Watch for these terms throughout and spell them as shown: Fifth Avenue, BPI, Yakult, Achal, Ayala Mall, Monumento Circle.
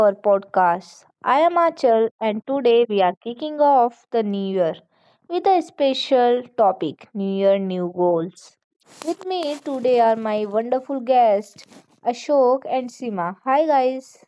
our podcast. I am Achal, and today we are kicking off the new year with a special topic, New Year, New Goals. With me today are my wonderful guests, Ashok and Seema. Hi, guys.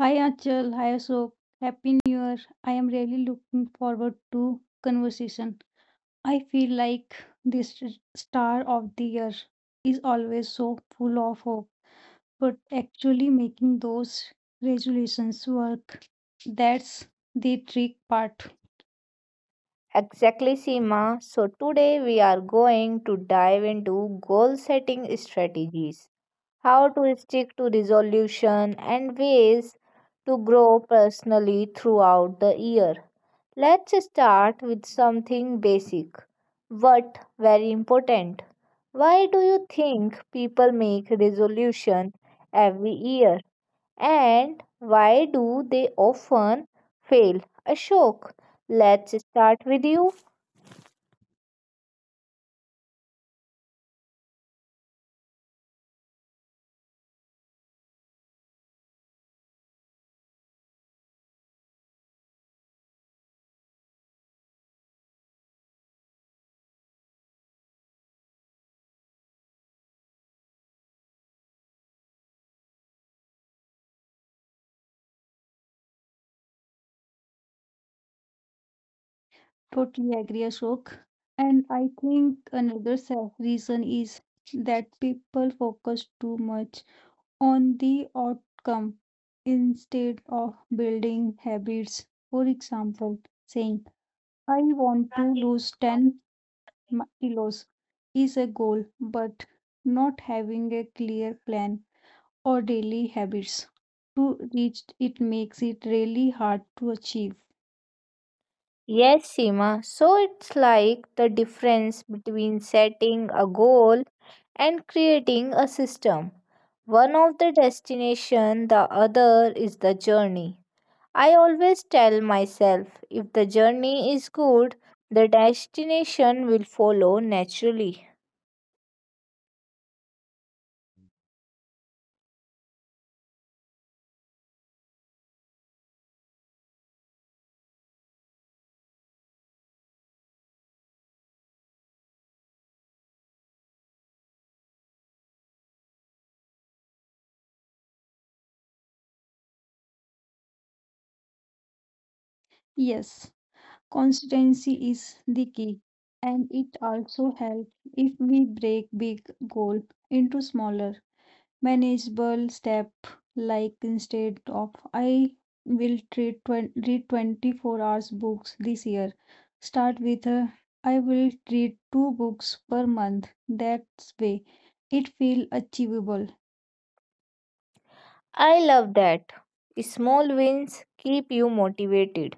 Hi Achal, hi Ashok. Happy New Year. I am really looking forward to conversation. I feel like this star of the year is always so full of hope, but actually making those resolutions work, that's the trick part. Exactly, Seema. So today we are going to dive into goal setting strategies, how to stick to resolution, and ways to grow personally throughout the year. Let's start with something basic but very important. Why do you think people make resolution every year and why do they often fail? Ashok, let's start with you. Totally agree, Ashok. And I think another reason is that people focus too much on the outcome instead of building habits. For example, saying, I want to lose 10 kilos is a goal, but not having a clear plan or daily habits to reach it makes it really hard to achieve. Yes, Seema. So it's like the difference between setting a goal and creating a system. One of the destination, the other is the journey. I always tell myself if the journey is good, the destination will follow naturally. Yes, consistency is the key, and it also helps if we break big goal into smaller manageable step, like instead of I will read 24 hours books this year, start with a, I will read two books per month. That way it feel achievable. I love that. Small wins keep you motivated.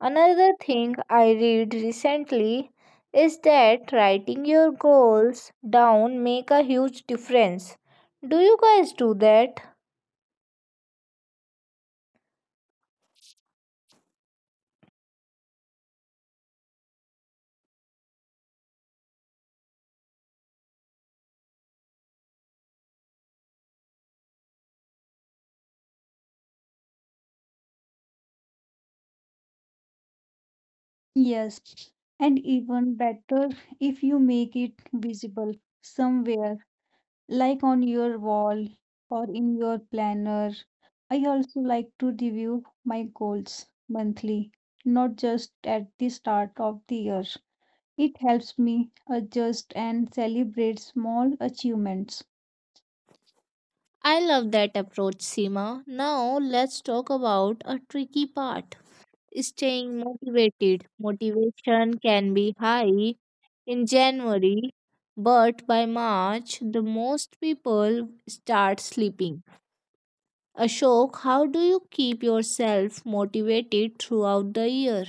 Another thing I read recently is that writing your goals down make a huge difference. Do you guys do that? Yes, and even better if you make it visible somewhere, like on your wall or in your planner. I also like to review my goals monthly, not just at the start of the year. It helps me adjust and celebrate small achievements. I love that approach, Seema. Now let's talk about a tricky part, staying motivated. Motivation can be high in January, but by March, the most people start sleeping. Ashok, how do you keep yourself motivated throughout the year?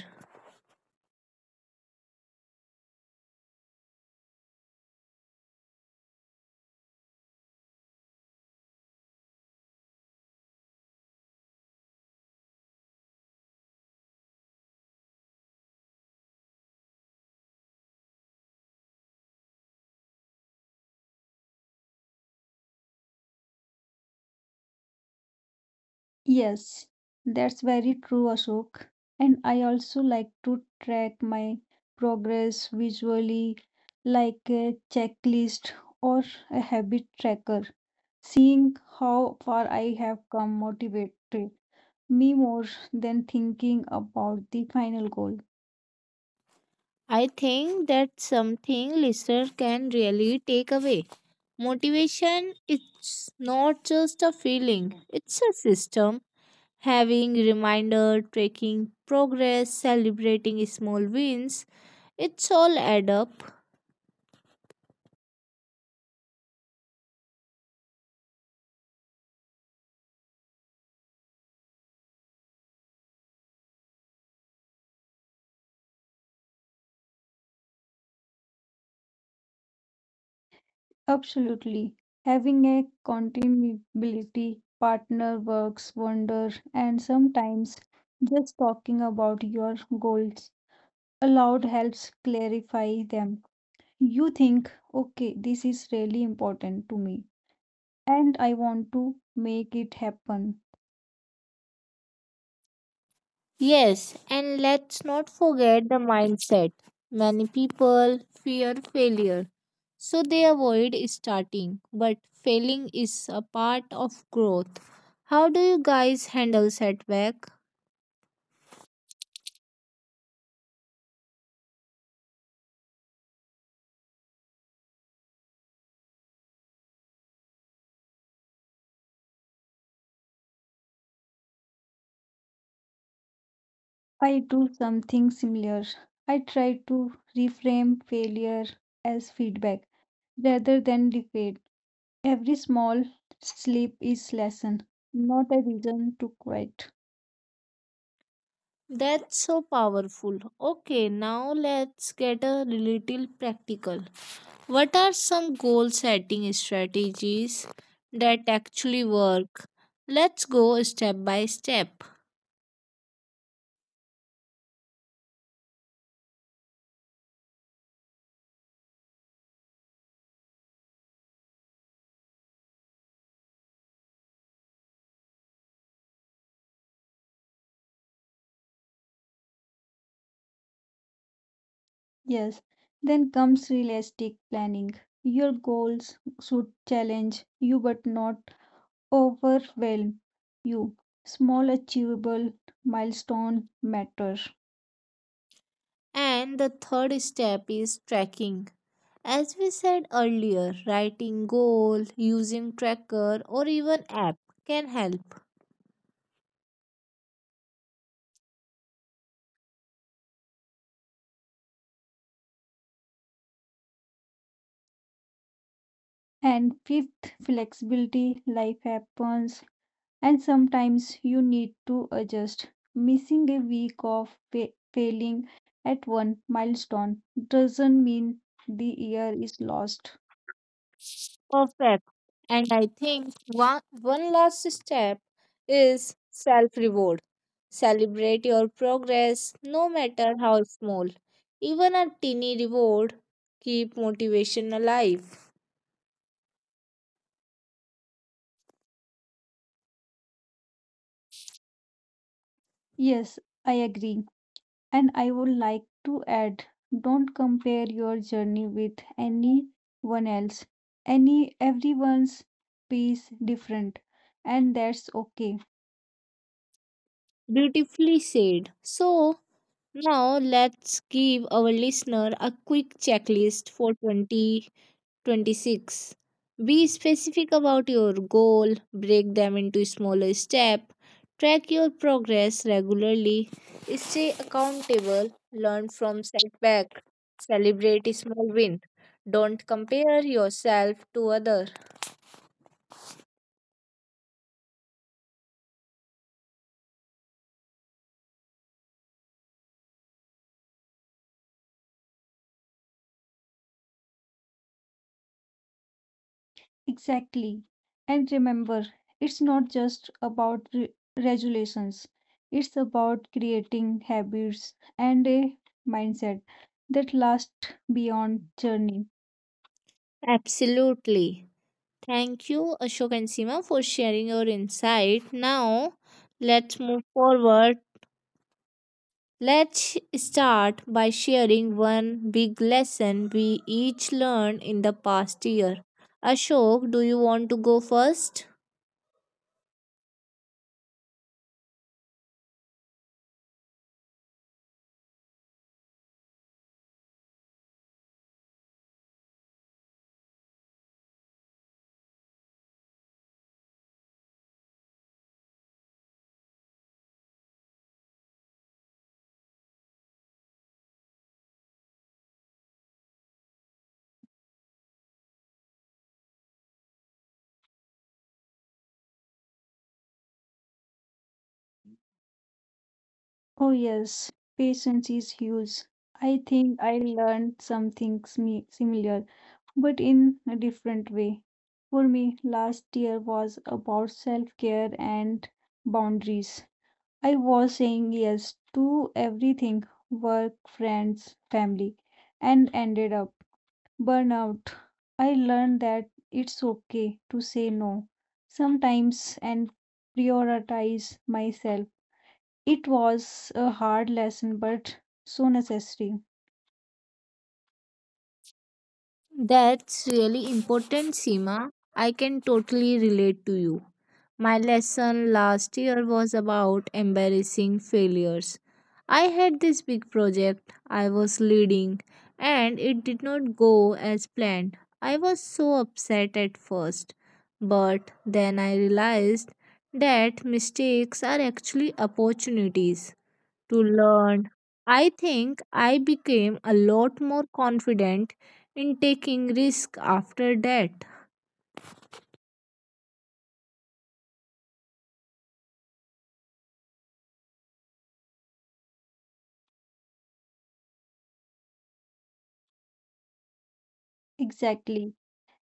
Yes, that's very true, Ashok. And I also like to track my progress visually, like a checklist or a habit tracker. Seeing how far I have come motivated me more than thinking about the final goal. I think that's something listener can really take away. Motivation is not just a feeling, it's a system. Having reminder, tracking progress, celebrating small wins, it's all add up. Absolutely. Having a continuity partner works wonder, and sometimes just talking about your goals aloud helps clarify them. You think, okay, this is really important to me, and I want to make it happen. Yes, and let's not forget the mindset. Many people fear failure, so they avoid starting, but failing is a part of growth. How do you guys handle setback? I do something similar. I try to reframe failure as feedback rather than defeat. Every small slip is lesson, not a reason to quit. That's so powerful. Okay, now let's get a little practical. What are some goal setting strategies that actually work? Let's go step by step. Yes, then comes realistic planning. Your goals should challenge you but not overwhelm you. Small achievable milestone matter. And the third step is tracking. As we said earlier, writing goal, using tracker or even app can help. And fifth, flexibility. Life happens and sometimes you need to adjust. Missing a week of failing at one milestone doesn't mean the year is lost. Perfect. And I think one last step is self reward. Celebrate your progress no matter how small. Even a teeny reward keep motivation alive. Yes, I agree. And I would like to add, don't compare your journey with anyone else. Any Everyone's pace different, and that's okay. Beautifully said. So now, let's give our listener a quick checklist for 2026. Be specific about your goal, break them into smaller steps, track your progress regularly, stay accountable, learn from setback, celebrate a small win. Don't compare yourself to others. Exactly. And remember, it's not just about regulations, it's about creating habits and a mindset that last beyond journey. Absolutely. Thank you, Ashok and Seema, for sharing your insight. Now, let's move forward. Let's start by sharing one big lesson we each learned in the past year. Ashok, do you want to go first? Oh, yes, patience is huge. I think I learned something similar, but in a different way. For me, last year was about self care and boundaries. I was saying yes to everything, work, friends, family, and ended up burnout. I learned that it's okay to say no sometimes and prioritize myself. It was a hard lesson but so necessary. That's really important, Seema. I can totally relate to you. My lesson last year was about embarrassing failures. I had this big project I was leading and it did not go as planned. I was so upset at first, but then I realized that mistakes are actually opportunities to learn. I think I became a lot more confident in taking risk after that. Exactly.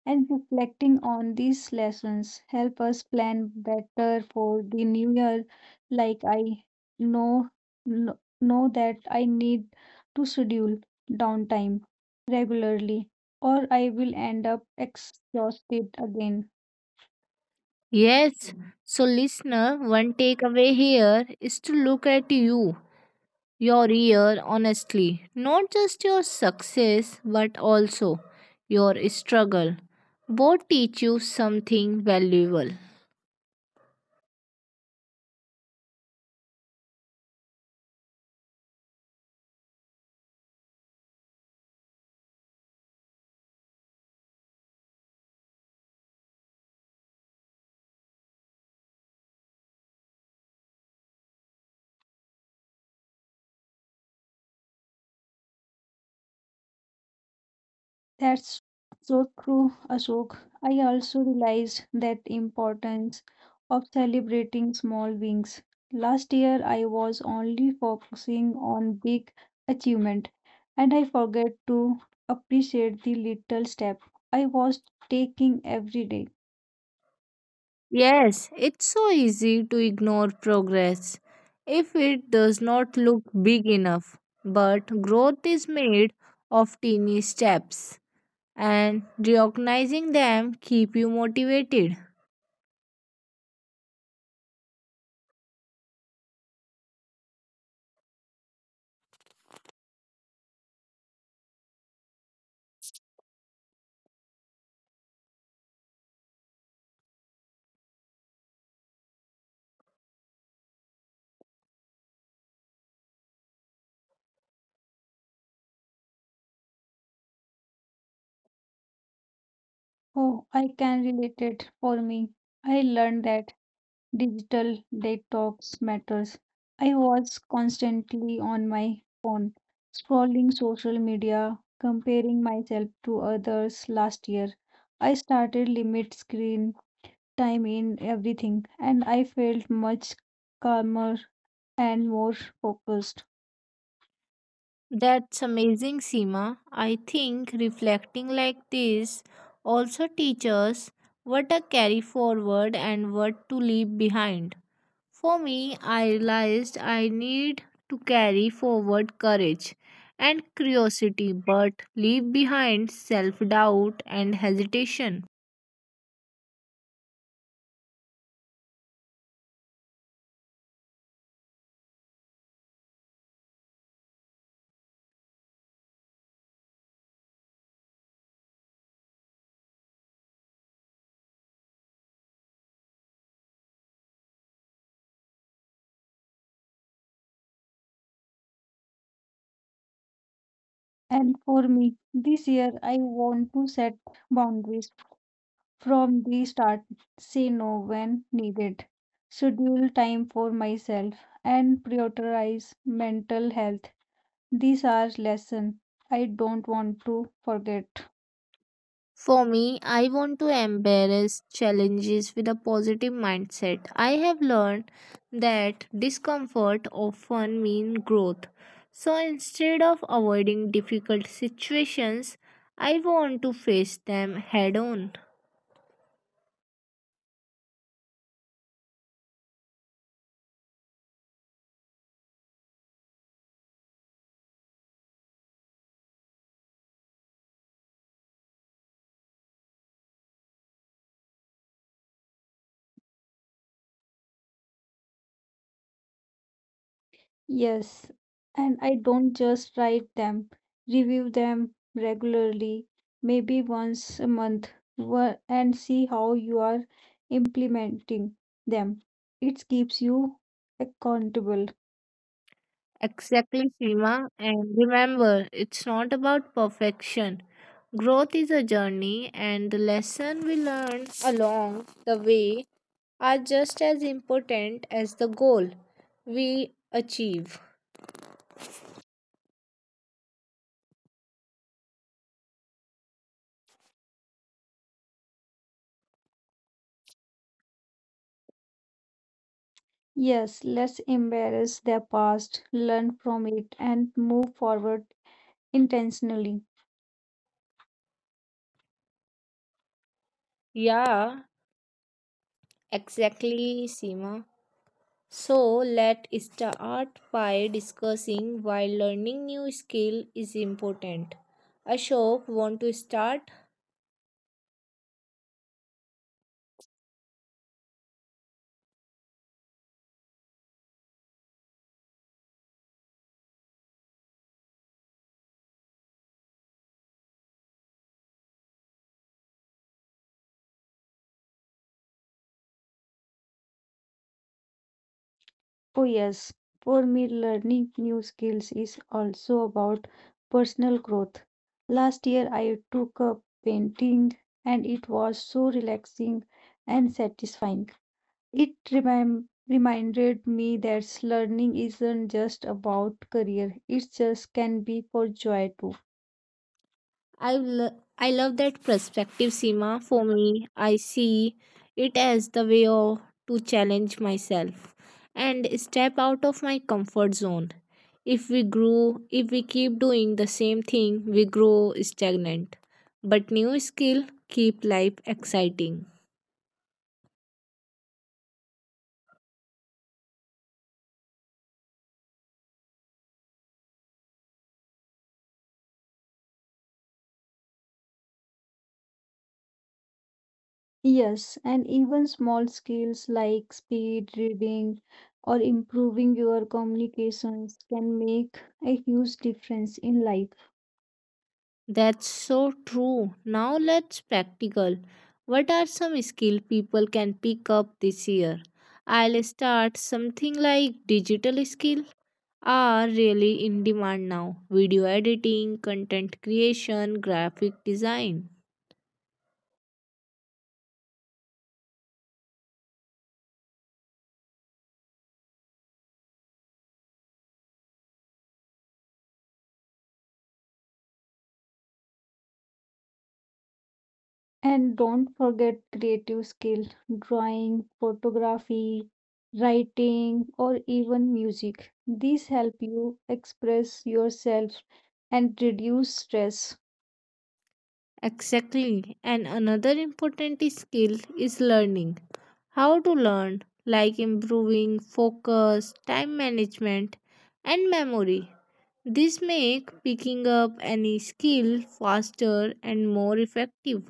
And reflecting on these lessons help us plan better for the new year. Like, I know kno- know that I need to schedule downtime regularly or I will end up exhausted again. Yes. So, listener, one takeaway here is to look at your year, honestly. Not just your success, but also your struggle. Both teach you something valuable. That's so true, Ashok. I also realized that importance of celebrating small wins. Last year, I was only focusing on big achievement, and I forgot to appreciate the little step I was taking every day. Yes, it's so easy to ignore progress if it does not look big enough. But growth is made of teeny steps, and recognizing them keep you motivated. Oh, I can relate it. For me, I learned that digital detox matters. I was constantly on my phone, scrolling social media, comparing myself to others last year. I started limit screen time in everything and I felt much calmer and more focused. That's amazing, Seema. I think reflecting like this also teaches what to carry forward and what to leave behind. For me, I realized I need to carry forward courage and curiosity, but leave behind self doubt and hesitation. And for me, this year I want to set boundaries from the start, say no when needed, schedule time for myself, and prioritize mental health. These are lessons I don't want to forget. For me, I want to embrace challenges with a positive mindset. I have learned that discomfort often means growth. So instead of avoiding difficult situations, I want to face them head on. Yes, and I don't just write them, review them regularly, maybe once a month, and see how you are implementing them. It keeps you accountable. Exactly, Seema. And remember, it's not about perfection. Growth is a journey, and the lesson we learn along the way are just as important as the goal we achieve. Yes, let's embrace their past, learn from it, and move forward intentionally. Yeah, exactly, Seema. So let us start by discussing why learning new skill is important. Ashok, want to start? Oh, yes, for me, learning new skills is also about personal growth. Last year, I took up painting, and it was so relaxing and satisfying. It reminded me that learning isn't just about career, it just can be for joy too. I love that perspective, Seema. For me, I see it as the way to challenge myself and step out of my comfort zone. If we grow, if we keep doing the same thing, we grow stagnant. But new skill keep life exciting. Yes, and even small skills like speed reading or improving your communications can make a huge difference in life. That's so true. Now let's practical. What are some skill people can pick up this year? I'll start something like digital skill are really in demand now, video editing, content creation, graphic design. And don't forget creative skill, drawing, photography, writing, or even music. These help you express yourself and reduce stress. Exactly. And another important skill is learning. How to learn, like improving focus, time management, and memory. This make picking up any skill faster and more effective.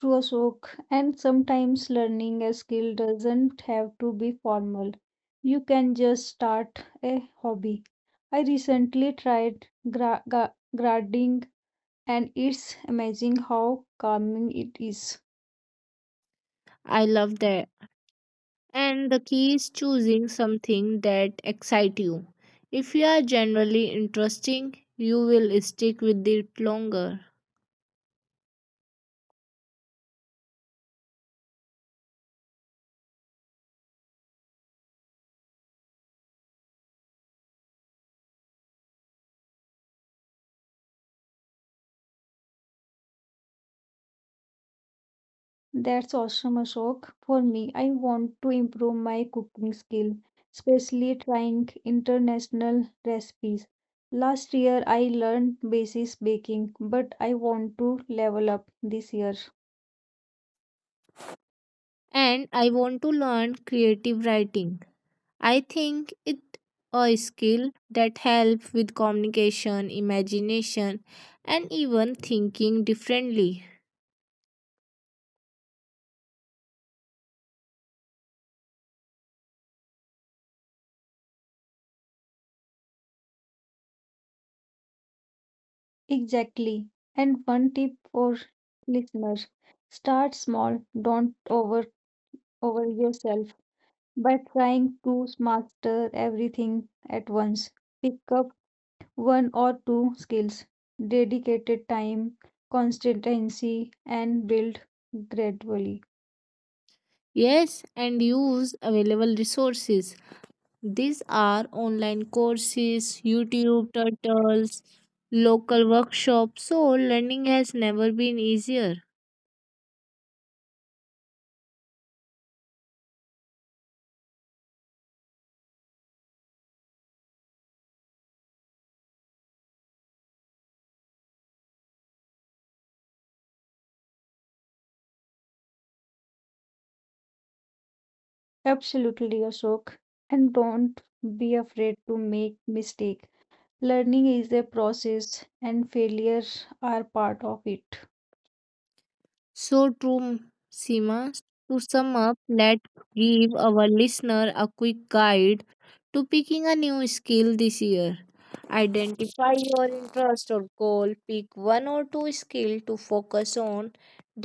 True, Ashok, and sometimes learning a skill doesn't have to be formal. You can just start a hobby. I recently tried gardening and it's amazing how calming it is. I love that. And the key is choosing something that excites you. If you are generally interesting, you will stick with it longer. That's awesome, Ashok. For me, I want to improve my cooking skill, especially trying international recipes. Last year I learned basic baking, but I want to level up this year. And I want to learn creative writing. I think it a skill that helps with communication, imagination, and even thinking differently. Exactly. And one tip for listeners, start small. Don't over yourself by trying to master everything at once. Pick up one or two skills, dedicated time, consistency, and build gradually. Yes, and use available resources. These are online courses, YouTube tutorials, local workshops, so learning has never been easier. Absolutely, Ashok. And don't be afraid to make mistake. Learning is a process and failures are part of it. So true, Seema. To sum up, let's give our listener a quick guide to picking a new skill this year. Identify your interest or goal, pick one or two skills to focus on,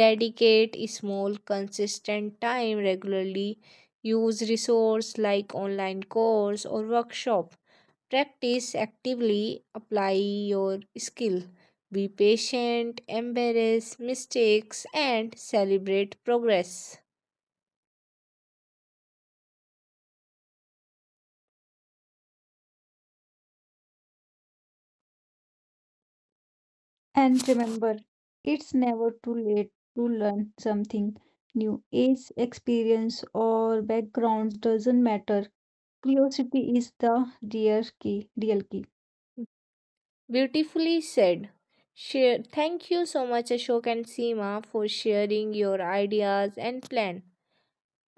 dedicate small consistent time regularly, use resource like online course or workshop. Practice actively, apply your skill. Be patient, embrace mistakes, and celebrate progress. And remember, it's never too late to learn something new. Age, experience, or background doesn't matter. Curiosity is the real key, real key. Beautifully said. Share, thank you so much, Ashok and Seema, for sharing your ideas and plan.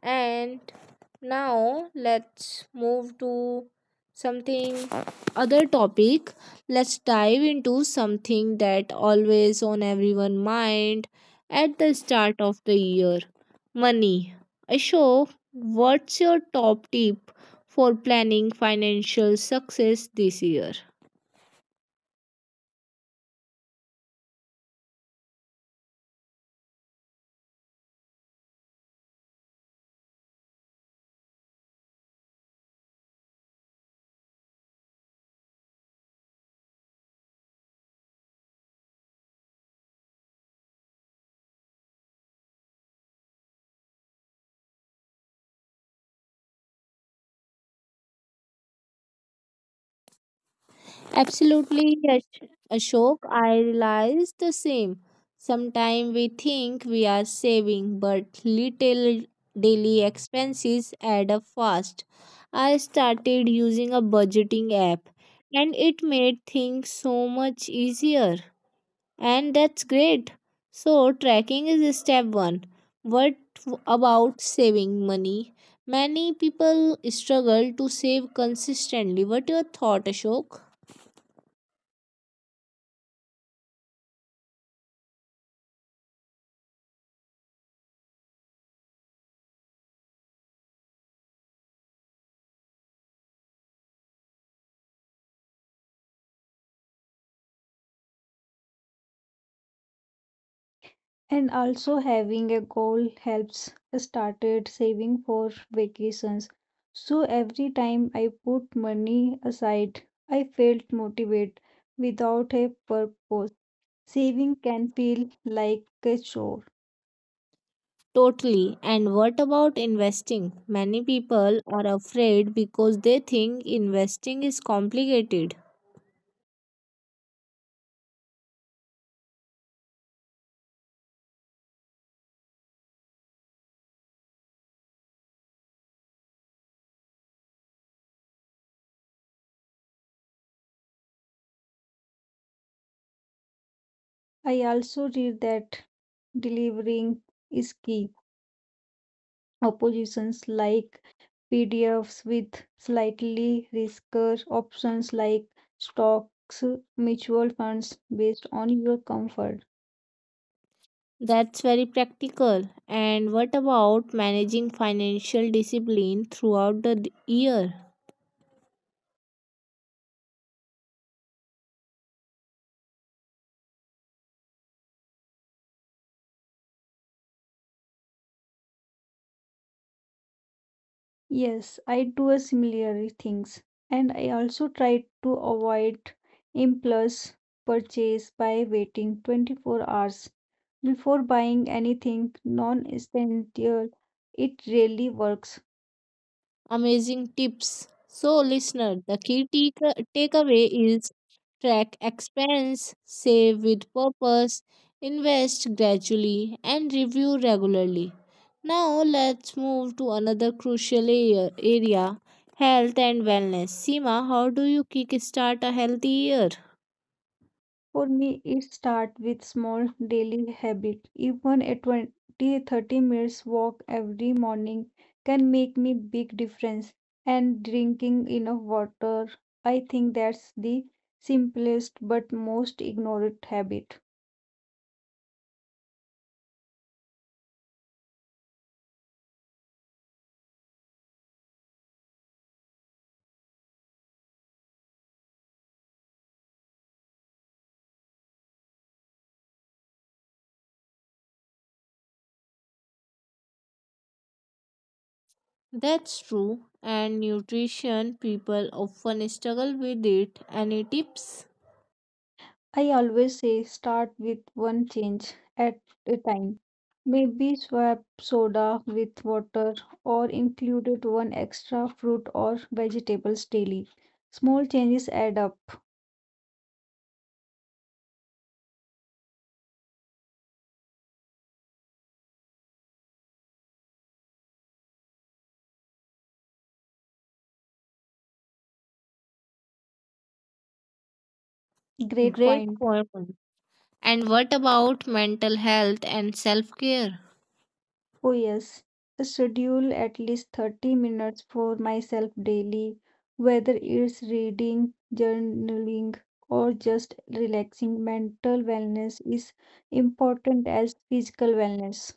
And now let's move to something other topic. Let's dive into something that always on everyone mind at the start of the year. Money. Ashok, what's your top tip for planning financial success this year? Absolutely, Ashok. I realize the same. Sometimes we think we are saving, but little daily expenses add up fast. I started using a budgeting app and it made things so much easier. And that's great. So, tracking is step one. What about saving money? Many people struggle to save consistently. What your thought, Ashok? And also having a goal helps. I started saving for vacations. So every time I put money aside, I felt motivated without a purpose. Saving can feel like a chore. Totally. And what about investing? Many people are afraid because they think investing is complicated. I also read that delivering is key. Oppositions like PDFs with slightly riskier options like stocks, mutual funds based on your comfort. That's very practical. And what about managing financial discipline throughout the year? Yes, I do a similar things, and I also try to avoid impulse purchase by waiting 24 hours before buying anything non-essential. It really works. Amazing tips. So, listener, the key takeaway is track expense, save with purpose, invest gradually, and review regularly. Now, let's move to another crucial area, health and wellness. Seema, how do you kickstart a healthy year? For me, it starts with small daily habit. Even a 20, 30 minutes walk every morning can make me big difference, and drinking enough water. I think that's the simplest but most ignored habit. That's true, and nutrition people often struggle with it. Any tips? I always say start with one change at a time. Maybe swap soda with water or included one extra fruit or vegetables daily. Small changes add up. Great Great point. point. And what about mental health and self care? Oh, yes. Schedule at least 30 minutes for myself daily, whether it's reading, journaling, or just relaxing. Mental wellness is important as physical wellness.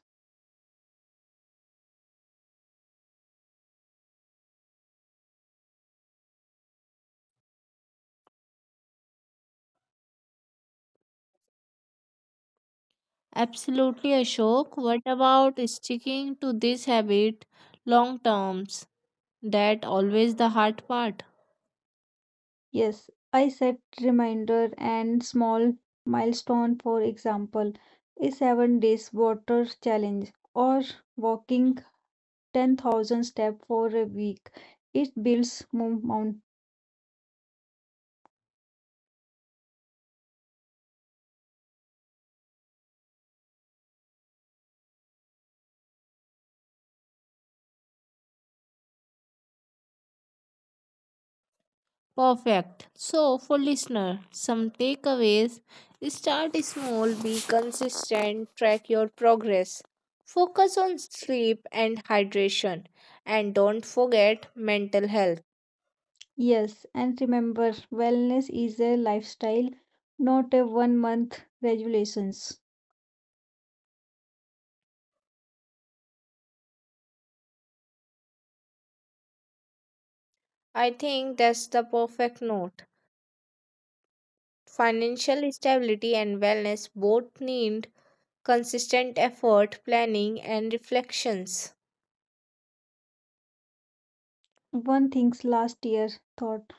Absolutely, Ashok. What about sticking to this habit long terms? That always the hard part. Yes, I set reminder and small milestone, for example, a 7 days water challenge or walking 10,000 steps for a week. It builds momentum. Perfect. So, for listener, some takeaways. Start small, be consistent, track your progress. Focus on sleep and hydration and don't forget mental health. Yes, and remember, wellness is a lifestyle, not a 1 month regulations. I think that's the perfect note. Financial stability and wellness both need consistent effort, planning, and reflections. One thing's last year thought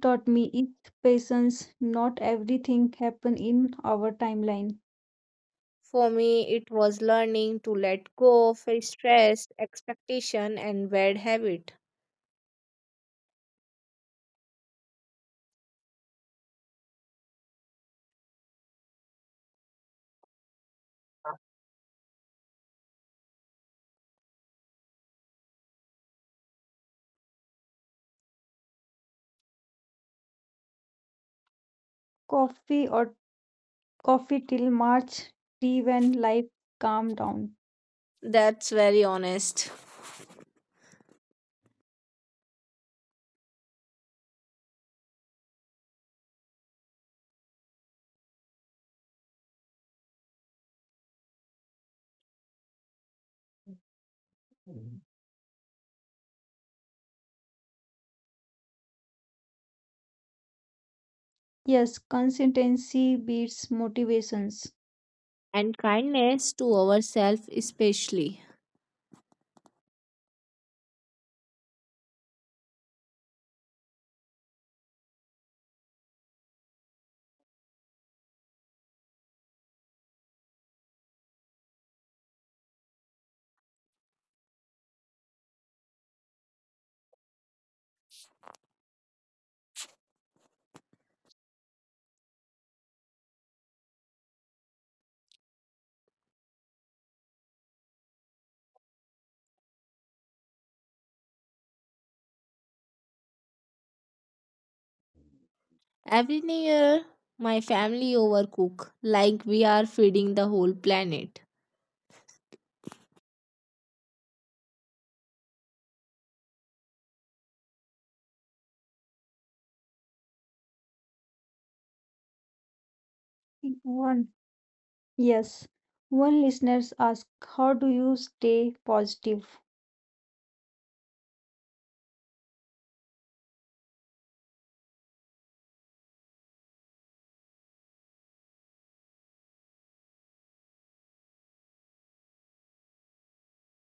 taught me is patience. Not everything happen in our timeline. For me, it was learning to let go of stress, expectation, and bad habit. Coffee or coffee till March, tea when life calm down. That's very honest. Yes, consistency beats motivations. And kindness to ourselves, especially. Every year, my family overcook like we are feeding the whole planet. One yes. One listeners ask, how do you stay positive?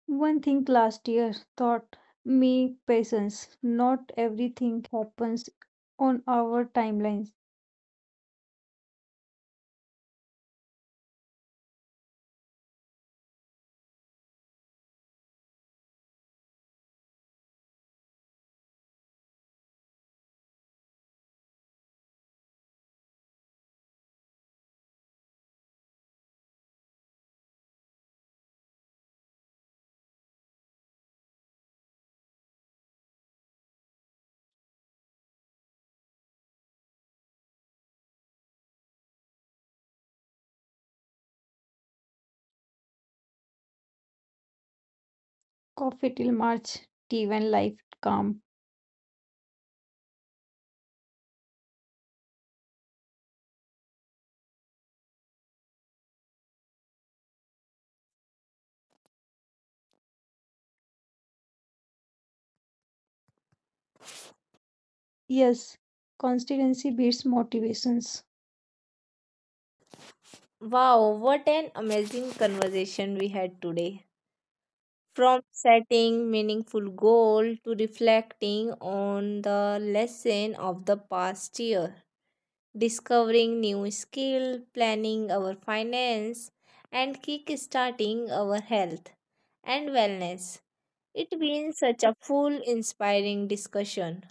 One thing last year taught me patience. Not everything happens on our timelines. Coffee till March, tea when life calm. Yes, consistency beats motivations. Wow, what an amazing conversation we had today. From setting meaningful goal to reflecting on the lesson of the past year, discovering new skill, planning our finance, and kick-starting our health and wellness. It's been such a full, inspiring discussion.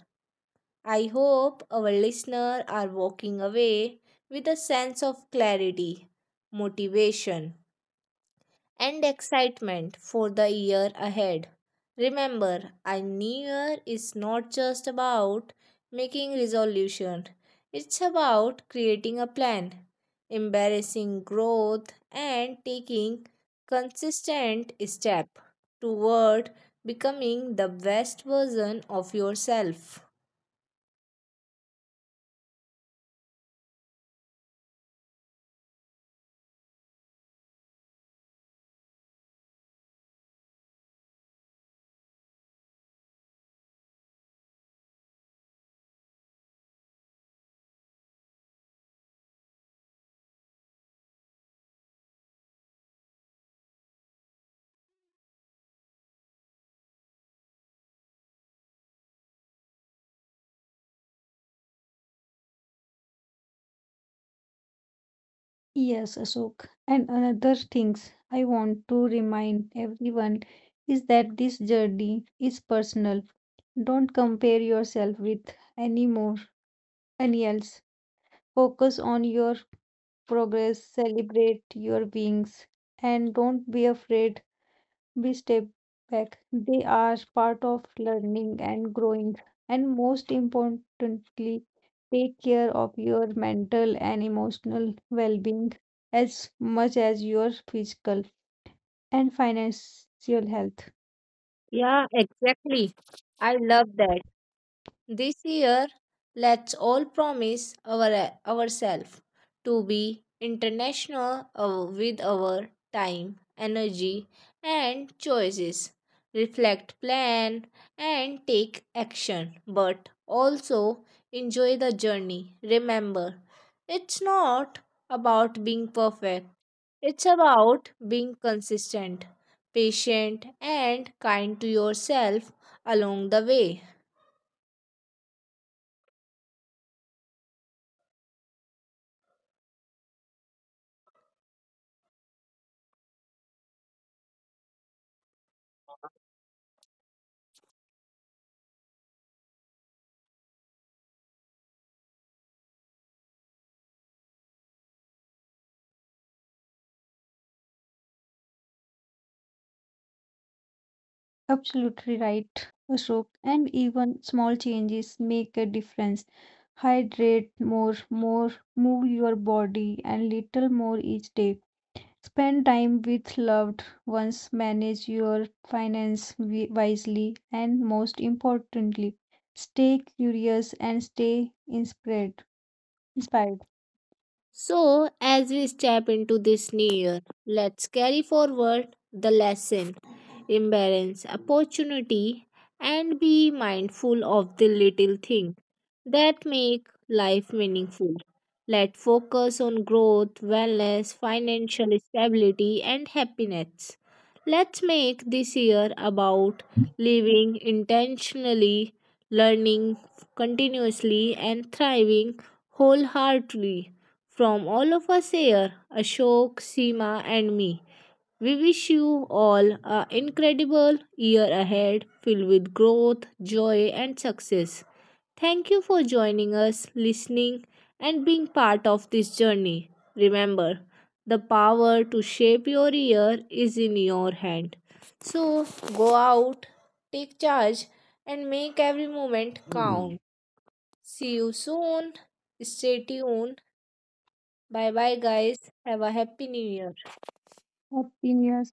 I hope our listeners are walking away with a sense of clarity, motivation, and excitement for the year ahead. Remember, a new year is not just about making resolution. It's about creating a plan, embracing growth and taking consistent step toward becoming the best version of yourself. Yes, Ashok. And another things I want to remind everyone is that this journey is personal. Don't compare yourself with any else. Focus on your progress, celebrate your wings, and don't be afraid. Be step back. They are part of learning and growing. And most importantly, take care of your mental and emotional well being as much as your physical and financial health. Yeah, exactly. I love that. This year, let's all promise ourselves to be international with our time, energy, and choices. Reflect, plan, and take action, but also enjoy the journey. Remember, it's not about being perfect, it's about being consistent, patient, and kind to yourself along the way. Absolutely right, Ashok. And even small changes make a difference. Hydrate more, move your body and little more each day. Spend time with loved ones, manage your finance wisely, and most importantly, stay curious and stay inspired. So, as we step into this new year, let's carry forward the lesson, embrace opportunity, and be mindful of the little things that make life meaningful. Let's focus on growth, wellness, financial stability, and happiness. Let's make this year about living intentionally, learning continuously, and thriving wholeheartedly. From all of us here, Ashok, Seema, and me, we wish you all an incredible year ahead filled with growth, joy, and success. Thank you for joining us, listening, and being part of this journey. Remember, the power to shape your year is in your hand. So go out, take charge, and make every moment count. See you soon. Stay tuned. Bye bye, guys. Have a happy new year. Happy New Year.